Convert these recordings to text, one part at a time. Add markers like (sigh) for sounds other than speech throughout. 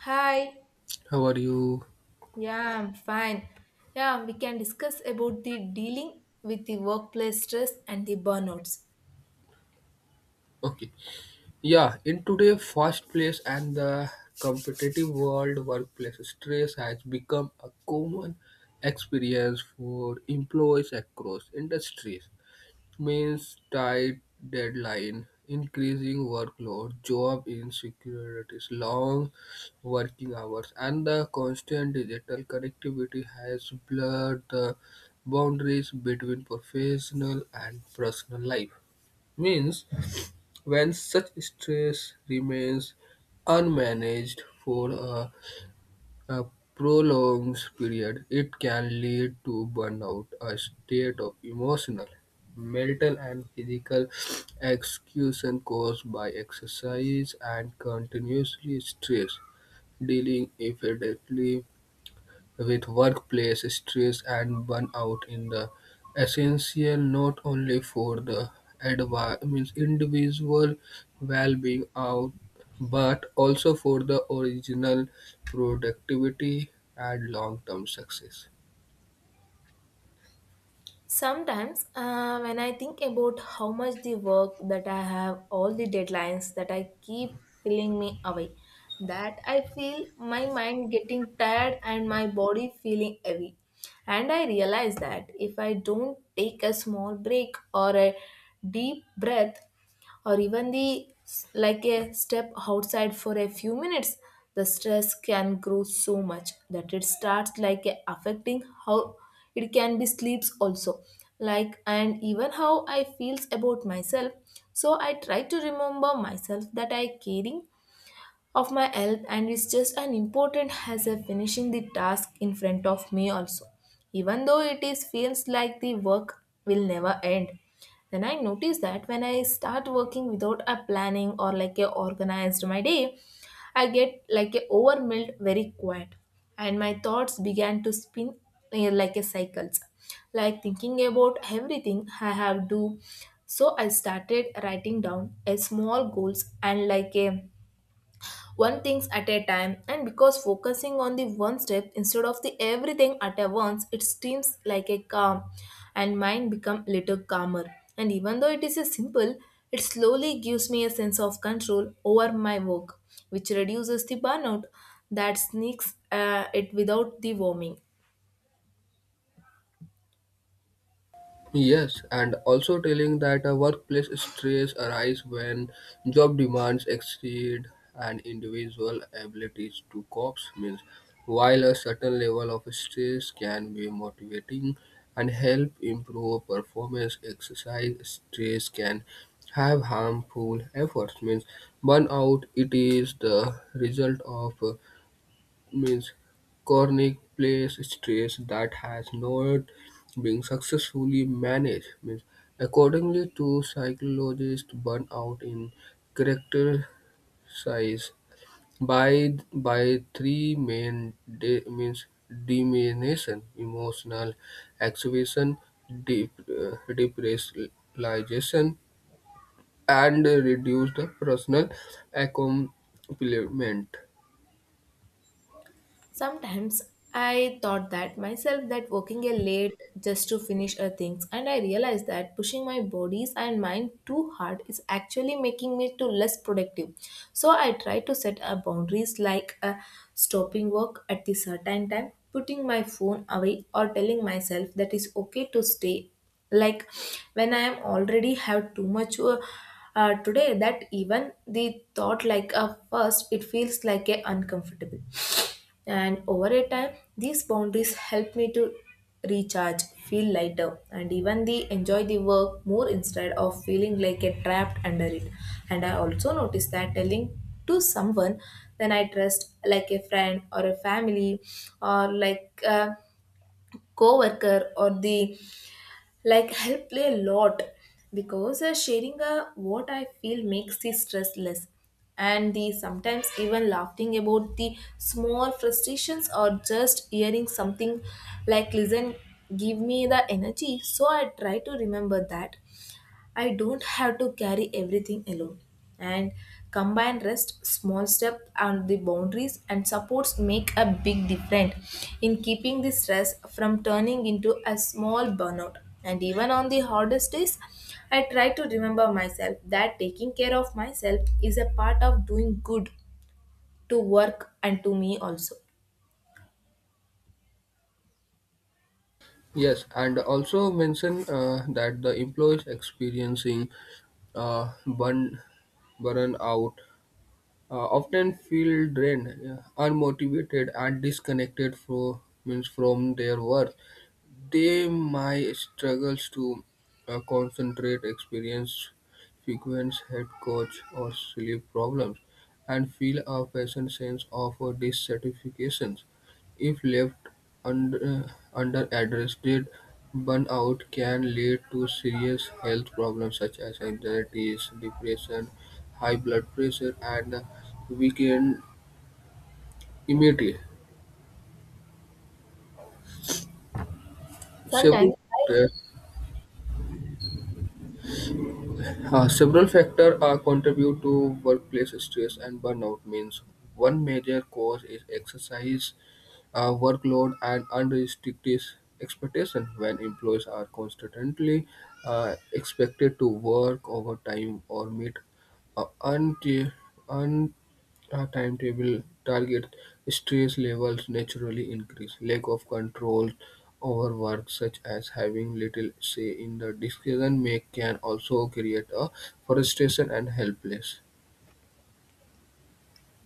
Hi. How are you? Yeah, I'm fine. Yeah, we can discuss about the dealing with the workplace stress and the burnouts. Okay. Yeah, in today's fast place and the competitive world workplace, stress has become a common experience for employees across industries. Means tight deadline, increasing workload, job insecurities, long working hours, and the constant digital connectivity has blurred the boundaries between professional and personal life. Means when such stress remains unmanaged for a prolonged period, it can lead to burnout, a state of emotional, mental, and physical exhaustion caused by exercise and continuous stress. Dealing effectively with workplace stress and burnout in the essential not only for the means individual well-being out but also for the original productivity and long-term success. Sometimes, when I think about how much the work that I have, all the deadlines that I keep pulling me away, that I feel my mind getting tired and my body feeling heavy. And I realize that if I don't take a small break or a deep breath, or even the like a step outside for a few minutes, the stress can grow so much that it starts like a affecting how it can be sleeps also, like and even how I feels about myself. So I try to remember myself that I caring of my help and it's just as important as a finishing the task in front of me also, even though it is feels like the work will never end. Then I notice that when I start working without a planning or like a organized my day, I get like a overwhelmed very quiet and my thoughts began to spin, like a cycles, like thinking about everything I have do. So I started writing down a small goals and like a one things at a time, and because focusing on the one step instead of the everything at a once, it seems like a calm and mind become little calmer. And even though it is a simple, it slowly gives me a sense of control over my work, which reduces the burnout that sneaks it without the warming. Yes, and also telling that a workplace stress arise when job demands exceed an individual abilities to cope means while a certain level of stress can be motivating and help improve performance exercise stress can have harmful efforts means burnout it is the result of means Cornish plays stress that has not been successfully managed. Means accordingly to psychologists, burnout is characterized by three main means diminution, emotional exhibition, depression, and reduce the personal accomplishment. Sometimes I thought that myself that working a late just to finish a things, and I realized that pushing my bodies and mind too hard is actually making me too less productive. So I try to set a boundaries like stopping work at the certain time, putting my phone away, or telling myself that it's okay to stay like when I am already have too much today, that even the thought like a first it feels like a uncomfortable. And over a time, these boundaries help me to recharge, feel lighter, and even the enjoy the work more instead of feeling like a trapped under it. And I also notice that telling to someone then I trust, like a friend or a family or like a co-worker or the like, help play a lot, because sharing what I feel makes the stress less. And the sometimes even laughing about the small frustrations or just hearing something like listen give me the energy. So I try to remember that I don't have to carry everything alone. And combined rest, small step, and the boundaries and supports make a big difference in keeping the stress from turning into a small burnout. And even on the hardest days, I try to remember myself that taking care of myself is a part of doing good to work and to me also. Yes, and also mention that the employees experiencing uh, burn burnout often feel drained, unmotivated, and disconnected from means from their work. They may struggle to concentrate, experience frequent head cold or sleep problems, and feel a persistent sense of dissatisfaction. If left under unaddressed, burnout can lead to serious health problems such as anxiety, depression, high blood pressure, and weakened immunity. Several Sometimes I several factors contribute to workplace stress and burnout. Means one major cause is exercise workload and unrestricted expectation. When employees are constantly expected to work overtime or meet uh, unti- our timetable targets stress levels naturally increase. Lack of control over work, such as having little say in the decision make, can also create a frustration and helpless.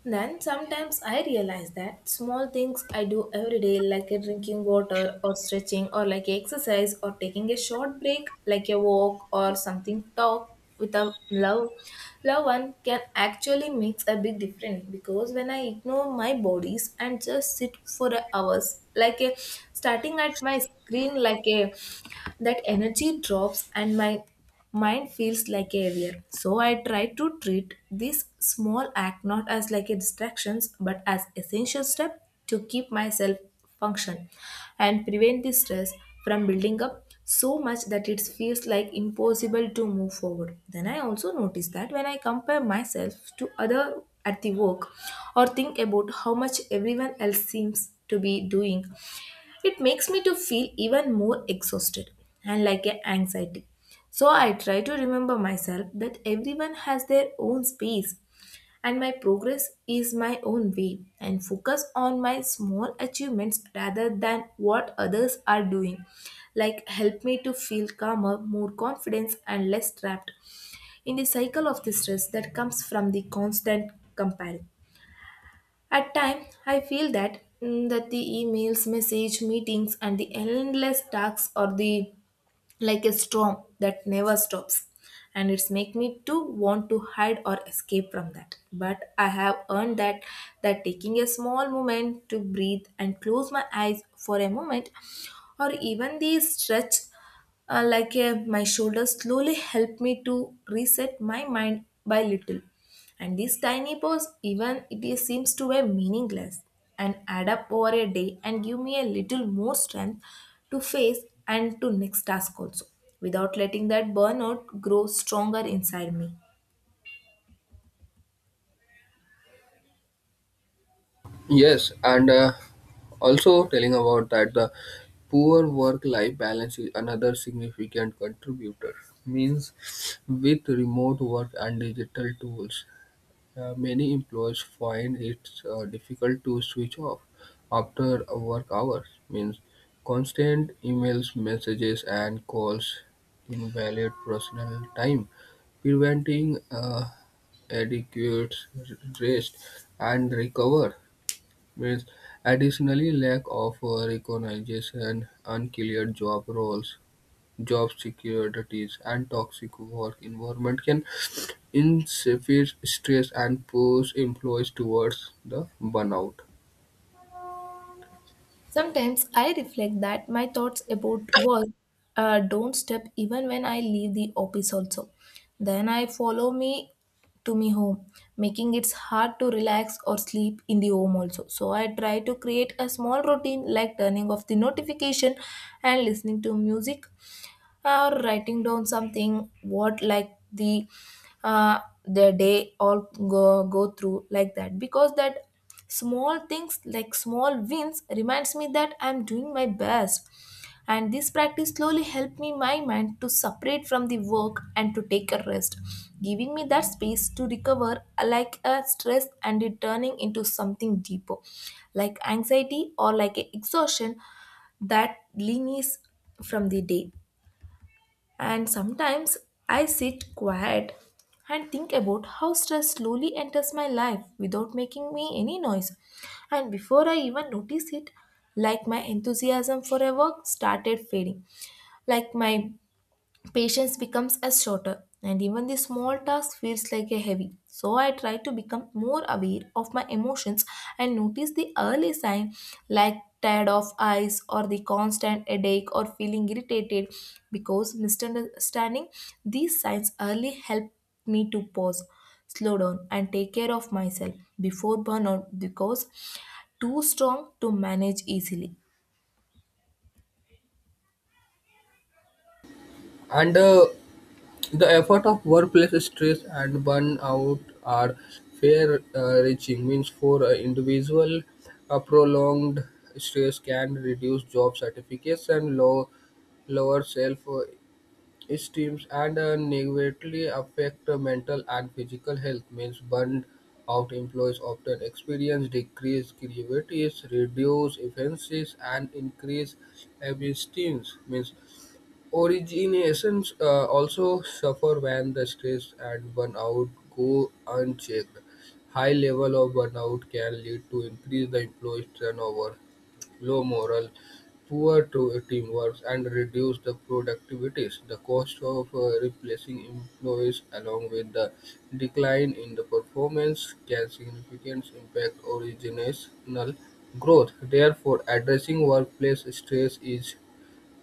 Then sometimes I realize that small things I do every day, like a drinking water or stretching, or like a exercise, or taking a short break, like a walk or something, talk with a love one, can actually makes a big difference. Because when I ignore my bodies and just sit for hours, like a starting at my screen, like a, that energy drops and my mine feels like a real. So I try to treat this small act not as like a distractions, but as essential step to keep myself function and prevent the stress from building up so much that it feels like impossible to move forward. Then I also notice that when I compare myself to other at the work or think about how much everyone else seems to be doing, it makes me to feel even more exhausted and like a anxiety. So I try to remember myself that everyone has their own space and my progress is my own way, and focus on my small achievements rather than what others are doing, like help me to feel calmer, more confidence, and less trapped in the cycle of the stress that comes from the constant comparison. At times, I feel that that the emails, message, meetings, and the endless tasks are the like a storm that never stops, and it's make me to want to hide or escape from that. But I have earned that that taking a small moment to breathe and close my eyes for a moment, or even the stretch my shoulders slowly help me to reset my mind by little. And this tiny pause, even it is, seems to be meaningless and add up over a day and give me a little more strength to face and to next task also, without letting that burnout grow stronger inside me. Yes, and also telling about that the poor work-life balance is another significant contributor. Means with remote work and digital tools, many employees find it difficult to switch off after work hours. Means constant emails, messages, and calls invalid personal time, preventing adequate rest and recover. Means additionally lack of recognition, unclear job roles, job securities, and toxic work environment can inspire stress and push employees towards the burnout. Sometimes I reflect that my thoughts about work don't stop even when I leave the office also. Then I follow me to me home, making it hard to relax or sleep in the home also. So I try to create a small routine, like turning off the notification and listening to music or writing down something what like uh, the day all go, go through like that, because that small things like small wins reminds me that I'm doing my best. And this practice slowly helped me my mind to separate from the work and to take a rest, giving me that space to recover like a stress and it turning into something deeper, like anxiety or like a exhaustion that lingers from the day. And sometimes I sit quiet and think about how stress slowly enters my life without making me any noise. And before I even notice it, like my enthusiasm for a work started fading, like my patience becomes as shorter and even the small task feels like a heavy. So I try to become more aware of my emotions and notice the early sign, like tired of eyes or the constant headache or feeling irritated, because misunderstanding these signs early help me to pause, slow down, and take care of myself before burnout because too strong to manage easily. And the effort of workplace stress and burnout are fair reaching means for an individual a prolonged stress can reduce job satisfaction low, lower self extremes and negatively affect mental and physical health. Means burned out employees often experience decreased creativity, reduced efficiencies, and increased esteem. Means originations also suffer when the stress and burnout go unchecked. High level of burnout can lead to increase the employee turnover, low morale, poor to teamwork and reduce the productivities, the cost of replacing employees along with the decline in the performance can significantly impact organizational growth. Therefore, addressing workplace stress is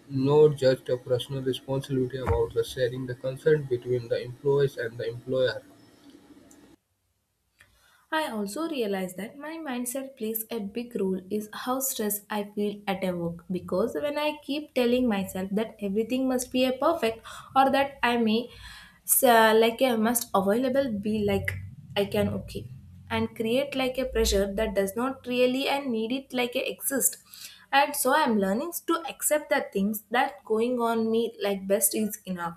not just a personal responsibility about the sharing the concern between the employees and the employer. I also realize that my mindset plays a big role is how stressed I feel at a work, because when I keep telling myself that everything must be a perfect or that I may so, like a must available be like I can okay, and create like a pressure that does not really and need it like a exist. And so I'm learning to accept the things that going on me, like best is enough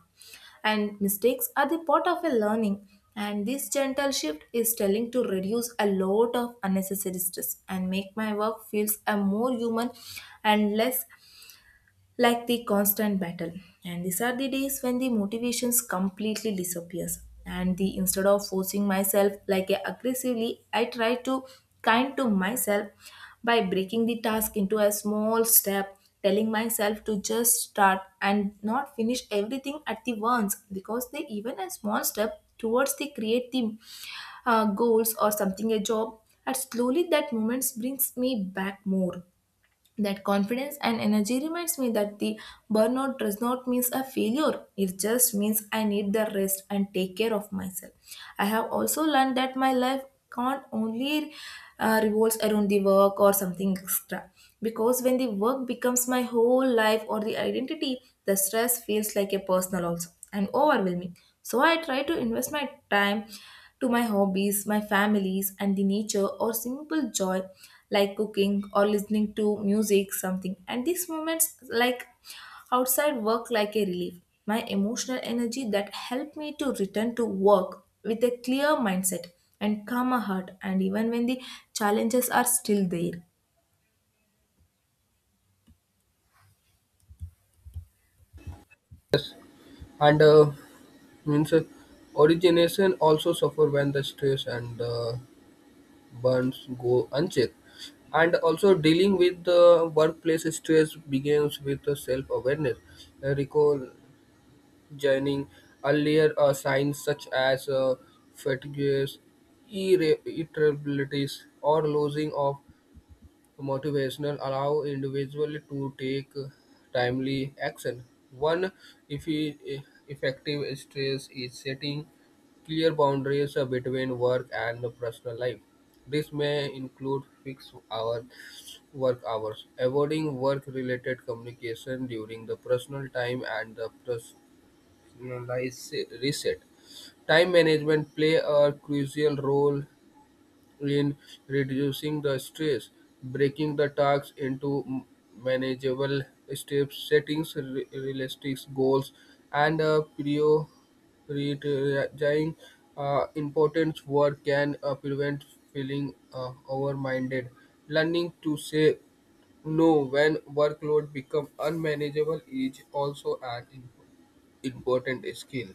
and mistakes are the part of a learning. And this gentle shift is telling to reduce a lot of unnecessary stress and make my work feels a more human and less like the constant battle. And these are the days when the motivations completely disappears, and the instead of forcing myself like a aggressively, I try to kind to myself by breaking the task into a small step, telling myself to just start and not finish everything at the once, because they even a small step towards the create the goals or something a job. And slowly that moments brings me back more that confidence and energy, reminds me that the burnout does not mean a failure, it just means I need the rest and take care of myself. I have also learned that my life can't only revolves around the work or something extra, because when the work becomes my whole life or the identity, the stress feels like a personal also and overwhelming. So I try to invest my time to my hobbies, my families, and the nature, or simple joy, like cooking or listening to music, something. And these moments, like outside work, like a relief. My emotional energy that helped me to return to work with a clear mindset and calmer heart, and even when the challenges are still there. And means origination also suffer when the stress and the burns go unchecked. And also dealing with the workplace stress begins with the self-awareness. Recognizing earlier signs such as fatigue, irritabilities, or losing of motivational allow individual to take timely action. One effi- effective stress is setting clear boundaries between work and personal life. This may include fixed hour work hours, avoiding work-related communication during the personal time and the personalized reset. Time management play a crucial role in reducing the stress, breaking the tasks into manageable steps, setting realistic goals, and prioritizing important work can prevent feeling overminded. Learning to say no when workload becomes unmanageable is also an important skill.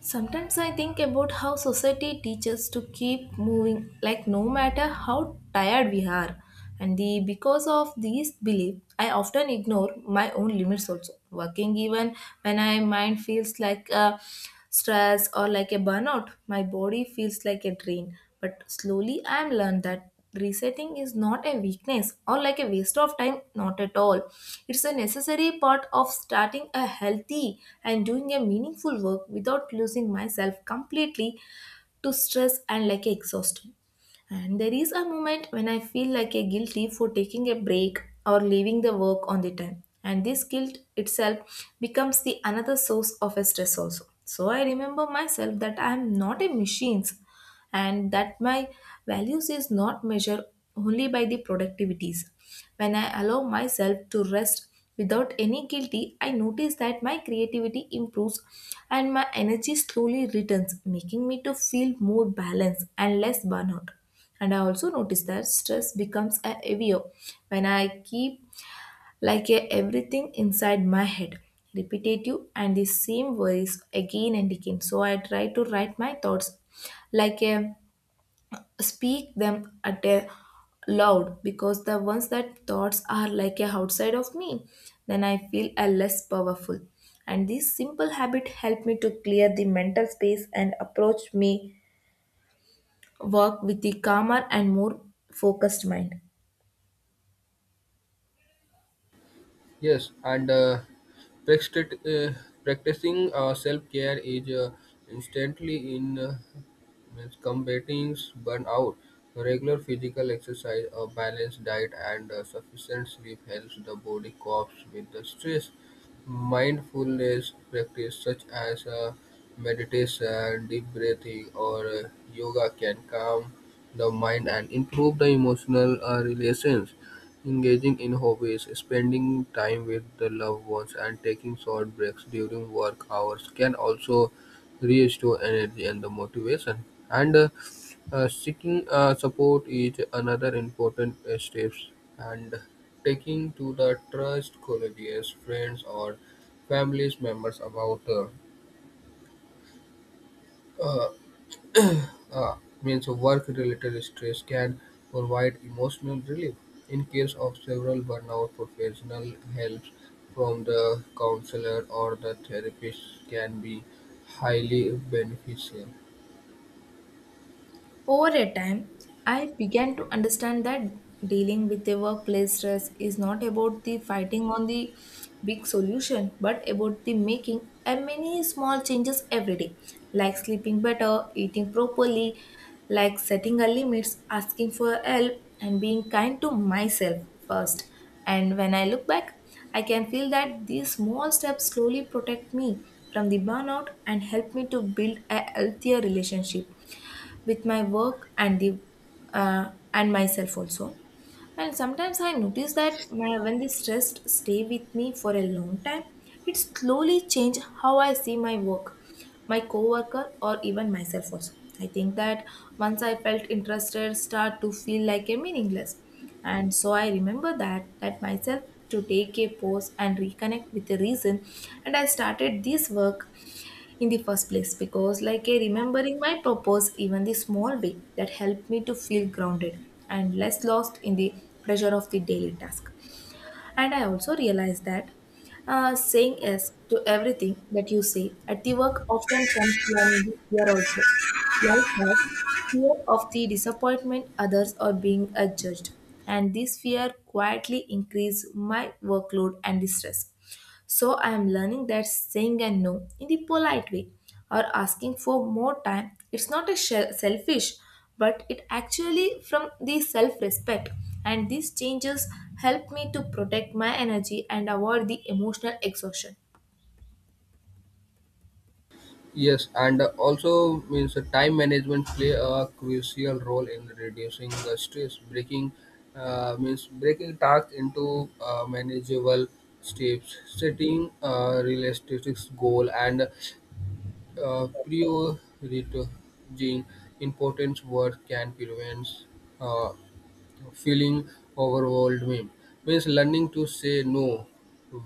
Sometimes I think about how society teaches to keep moving, like no matter how tired we are. And the because of these belief, I often ignore my own limits also. Working even when my mind feels like a stress or like a burnout, my body feels like a drain. But slowly I am learned that resetting is not a weakness or like a waste of time, not at all, it's a necessary part of starting a healthy and doing a meaningful work without losing myself completely to stress and like exhaustion. And there is a moment when I feel like a guilty for taking a break or leaving the work on the time. And this guilt itself becomes the another source of a stress also. So I remember myself that I am not a machine, and that my values is not measured only by the productivities. When I allow myself to rest without any guilty, I notice that my creativity improves and my energy slowly returns, making me to feel more balanced and less burnout. And I also notice that stress becomes a heavier when I keep like a everything inside my head repetitive and the same worries again and again. So I try to write my thoughts, like a speak them at a loud, because the ones that thoughts are like a outside of me, then I feel a less powerful. And this simple habit helped me to clear the mental space and approach me work with the calmer and more focused mind. Yes, and practic- uh, practicing self-care is instantly in means combating burnout. Regular physical exercise, a balanced diet, and sufficient sleep helps the body cope with the stress. Mindfulness practice such as meditation, deep breathing, or yoga can calm the mind and improve the emotional relations. Engaging in hobbies, spending time with the loved ones, and taking short breaks during work hours can also restore energy and the motivation. And seeking support is another important steps. And taking to the trust colleagues, friends, or families members about uh, Uh, means work-related stress can provide emotional relief. In case of several burnout, professional help from the counselor or the therapist can be highly beneficial. Over a time, I began to understand that dealing with a workplace stress is not about the fighting on the big solution, but about the making a many small changes every day, like sleeping better, eating properly, like setting a limits, asking for help, and being kind to myself first. And when I look back, I can feel that these small steps slowly protect me from the burnout and help me to build a healthier relationship with my work and the and myself also. And sometimes I notice that my, when the stress stay with me for a long time, it slowly change how I see my work, my coworker, or even myself also. I think that once I felt interested, start to feel like a meaningless, and so I remember that myself to take a pause and reconnect with the reason, and I started this work in the first place because like a remembering my purpose even the small way that helped me to feel grounded and less lost in the pressure of the daily task. And I also realized that saying yes to everything that you say at the work often comes from the fear also, like that fear of the disappointment others are being judged. And this fear quietly increased my workload and the stress. So I am learning that saying a no in the polite way or asking for more time, it's not a selfish, but it actually from the self-respect. And these changes help me to protect my energy and avoid the emotional exhaustion. Yes, and also means the time management play a crucial role in reducing the stress. Breaking tasks into manageable steps, setting realistic goal and prioritizing important work can prevent uh, feeling overwhelmed. Means learning to say no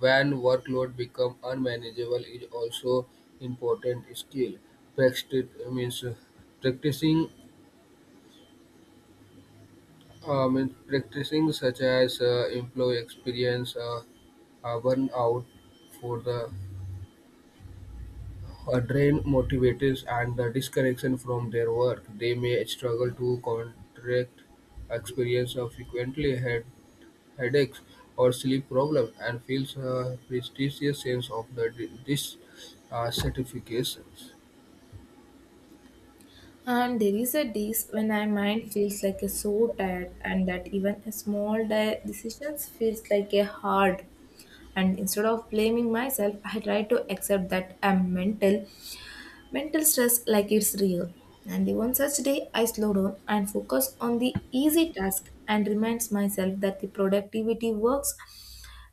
when workload become unmanageable is also important skill. Practice means practicing means practicing such as employee experience burnout for the drained, motivators and the disconnection from their work, they may struggle to contract, experience of frequently head, headaches or sleep problems, and feels a prestigious sense of the dis- satisfaction. And there is a days when my mind feels like a so tired and that even a small decisions feels like a hard. And instead of blaming myself, I try to accept that I'm mental stress like it's real. And the one such day I slow down and focus on the easy task and reminds myself that the productivity works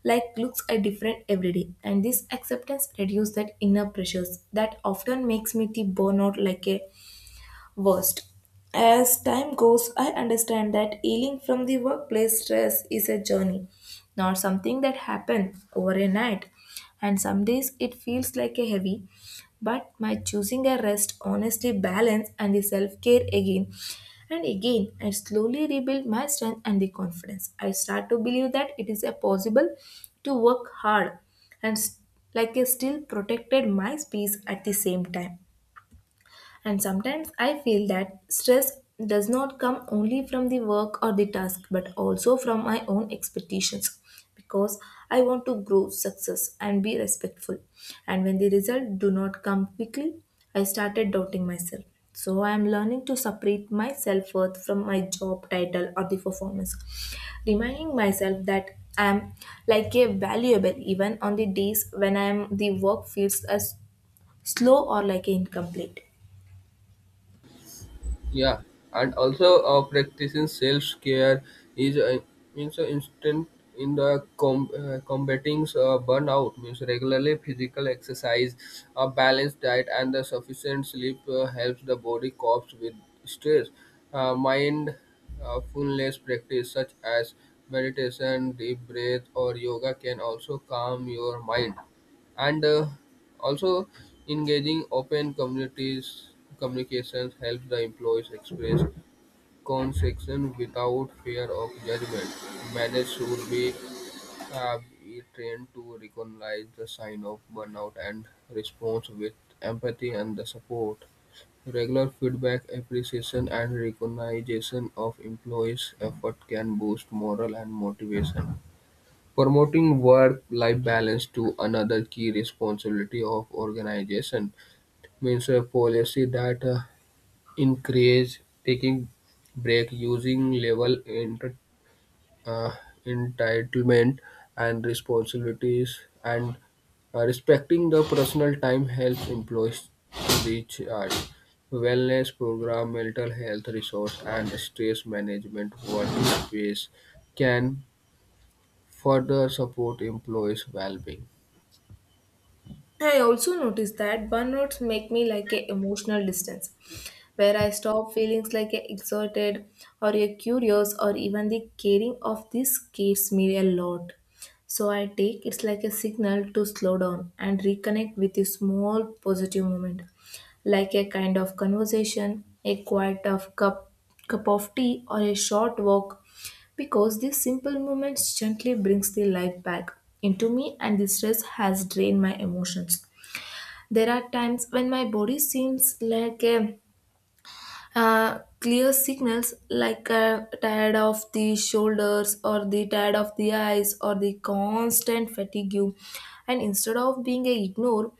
like looks are different every day. And this acceptance reduces that inner pressures that often makes me the burnout like a worst. As time goes, I understand that healing from the workplace stress is a journey, not something that happens overnight. And some days it feels like a heavy, but my choosing a rest, honestly, balance, and the self care again and again, I slowly rebuild my strength and the confidence. I start to believe that it is a possible to work hard and like I still protected my space at the same time. And sometimes I feel that stress does not come only from the work or the task, but also from my own expectations, because I want to grow success and be respectful. And when the result do not come quickly, I started doubting myself. So I am learning to separate my self-worth from my job title or the performance, reminding myself that I am like a valuable even on the days when I am the work feels as slow or like incomplete. Yeah, and also practicing self-care is means instant in the combating burnout means regularly physical exercise, a balanced diet, and the sufficient sleep helps the body copes with stress. Mind fullness practice such as meditation, deep breath, or yoga can also calm your mind and also engaging open communities communications helps the employees express conviction without fear of judgment. Managers should be trained to recognize the sign of burnout and response with empathy and the support. Regular feedback, appreciation and recognition of employees effort can boost morale and motivation. Promoting work-life balance, to another key responsibility of organization means a policy that encourages taking break, using level uh, entitlement and responsibilities, and respecting the personal time helps employees to recharge. Wellness program, mental health resource, and stress management workspace can further support employees' well-being. I also noticed that burnouts make me like a emotional distance, where I stop feelings like a exerted or a curious or even the caring of this scares me a lot. So I take it's like a signal to slow down and reconnect with a small positive moment, like a kind of conversation, a quiet of cup of tea or a short walk, because these simple moments gently brings the life back into me and the stress has drained my emotions. There are times when my body seems like a clear signals, like tired of the shoulders or the tired of the eyes or the constant fatigue. And instead of being a ignore,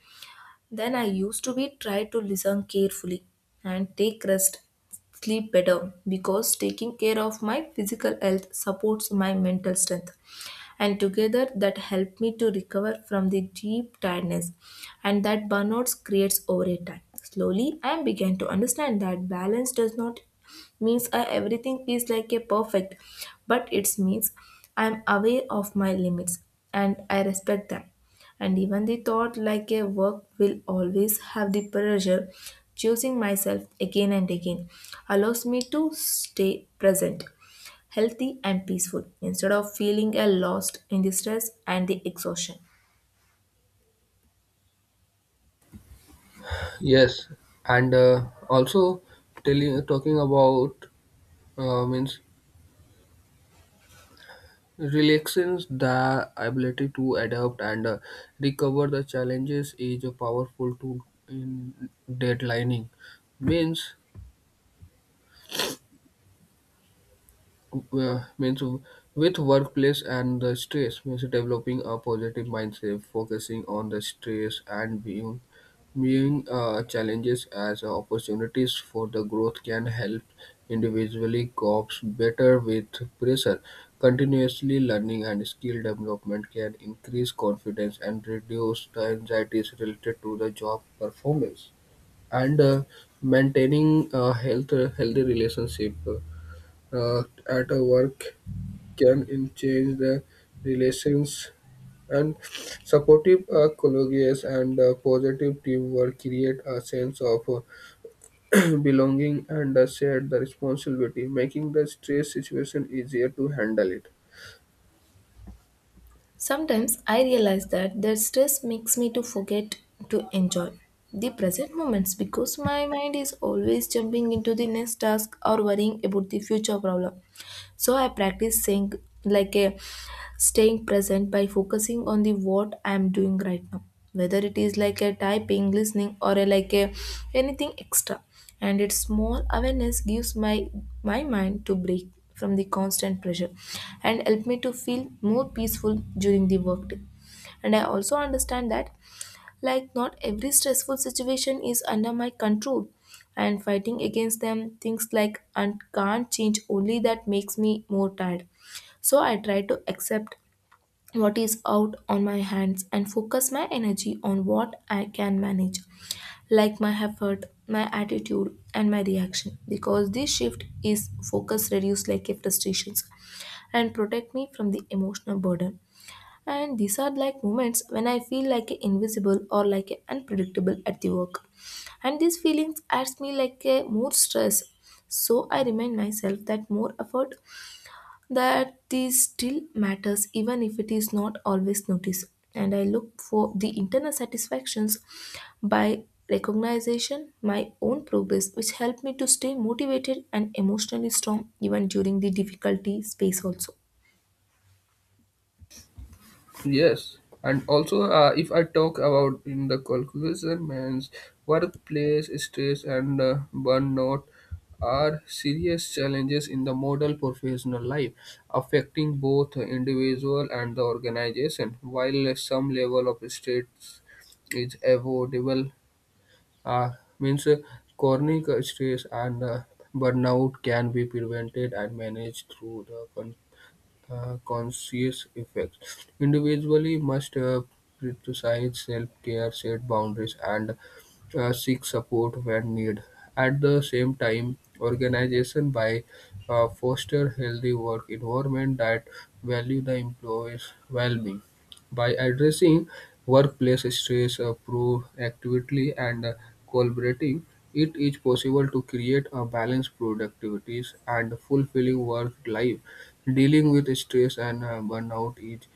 then I used to be try to listen carefully and take rest, sleep better, because taking care of my physical health supports my mental strength, and together that helped me to recover from the deep tiredness and that burnout creates over a time. Slowly I began to understand that balance does not means everything is like a perfect, but it means I am aware of my limits and I respect them. And even the thought like a work will always have the pressure, choosing myself again and again allows me to stay present, healthy and peaceful instead of feeling a lost in the stress and the exhaustion. Yes, and also telling talking about means relaxing the ability to adapt and recover the challenges is a powerful tool in deadlining. Means means With workplace and the stress means developing a positive mindset focusing on the stress and being viewing challenges as opportunities for the growth can help individually cope better with pressure. Continuously learning and skill development can increase confidence and reduce the anxieties related to the job performance, and maintaining a healthy relationship uh, at a work can in change the relations, and supportive colleagues and positive teamwork create a sense of (clears throat) belonging and share the responsibility making the stress situation easier to handle it. Sometimes I realize that the stress makes me to forget to enjoy the present moments because my mind is always jumping into the next task or worrying about the future problem. So I practice saying like a staying present by focusing on the what I am doing right now, whether it is like a typing, listening or a, like a anything extra. And its small awareness gives my mind to break from the constant pressure and help me to feel more peaceful during the workday. And I also understand that like not every stressful situation is under my control, and fighting against them things like and can't change only that makes me more tired. So I try to accept what is out on my hands and focus my energy on what I can manage, like my effort, my attitude, and my reaction. Because this shift is focus reduce like a frustrations and protect me from the emotional burden. And these are like moments when I feel like a invisible or like a unpredictable at the work. And these feelings adds me like a more stress. So I remind myself that more effort that this still matters even if it is not always noticed, and I look for the internal satisfactions by recognition my own progress, which help me to stay motivated and emotionally strong even during the difficulty space also. Yes, and also if I talk about in the conclusion, means workplace stress and burnout are serious challenges in the modern professional life, affecting both the individual and the organization. While some level of stress is avoidable, uh, means chronic stress and burnout can be prevented and managed through the conscious effects. Individually must prioritize self-care, set boundaries, and seek support when needed. At the same time, organization by foster healthy work environment that value the employees' well-being. By addressing workplace stress proactively and collaborating, it is possible to create a balanced productivities and fulfilling work life. Dealing with stress and burnout is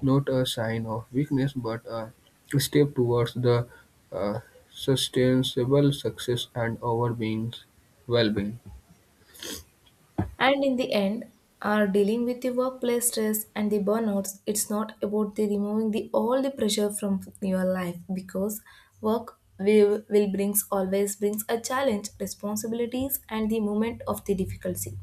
not a sign of weakness, but a step towards the uh, sustainable success and our being's well-being. And in the end, are dealing with the workplace stress and the burnouts, it's not about the removing the all the pressure from your life because work will brings always brings a challenge, responsibilities and the moment of the difficulty.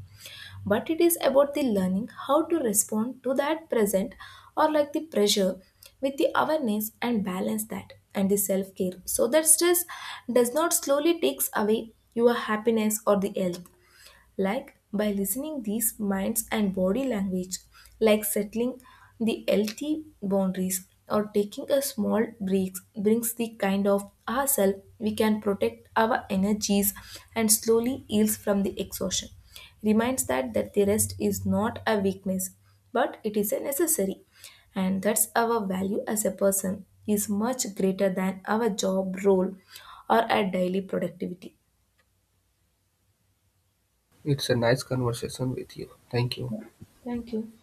But it is about the learning how to respond to that present or like the pressure with the awareness and balance that and the self care so that stress does not slowly takes away your happiness or the health, like by listening these minds and body language, like settling the healthy boundaries or taking a small break brings the kind of ourself we can protect our energies and slowly heals from the exhaustion. Reminds that the rest is not a weakness but it is a necessary, and that's our value as a person is much greater than our job role or our daily productivity. It's a nice conversation with you. Thank you. Thank you.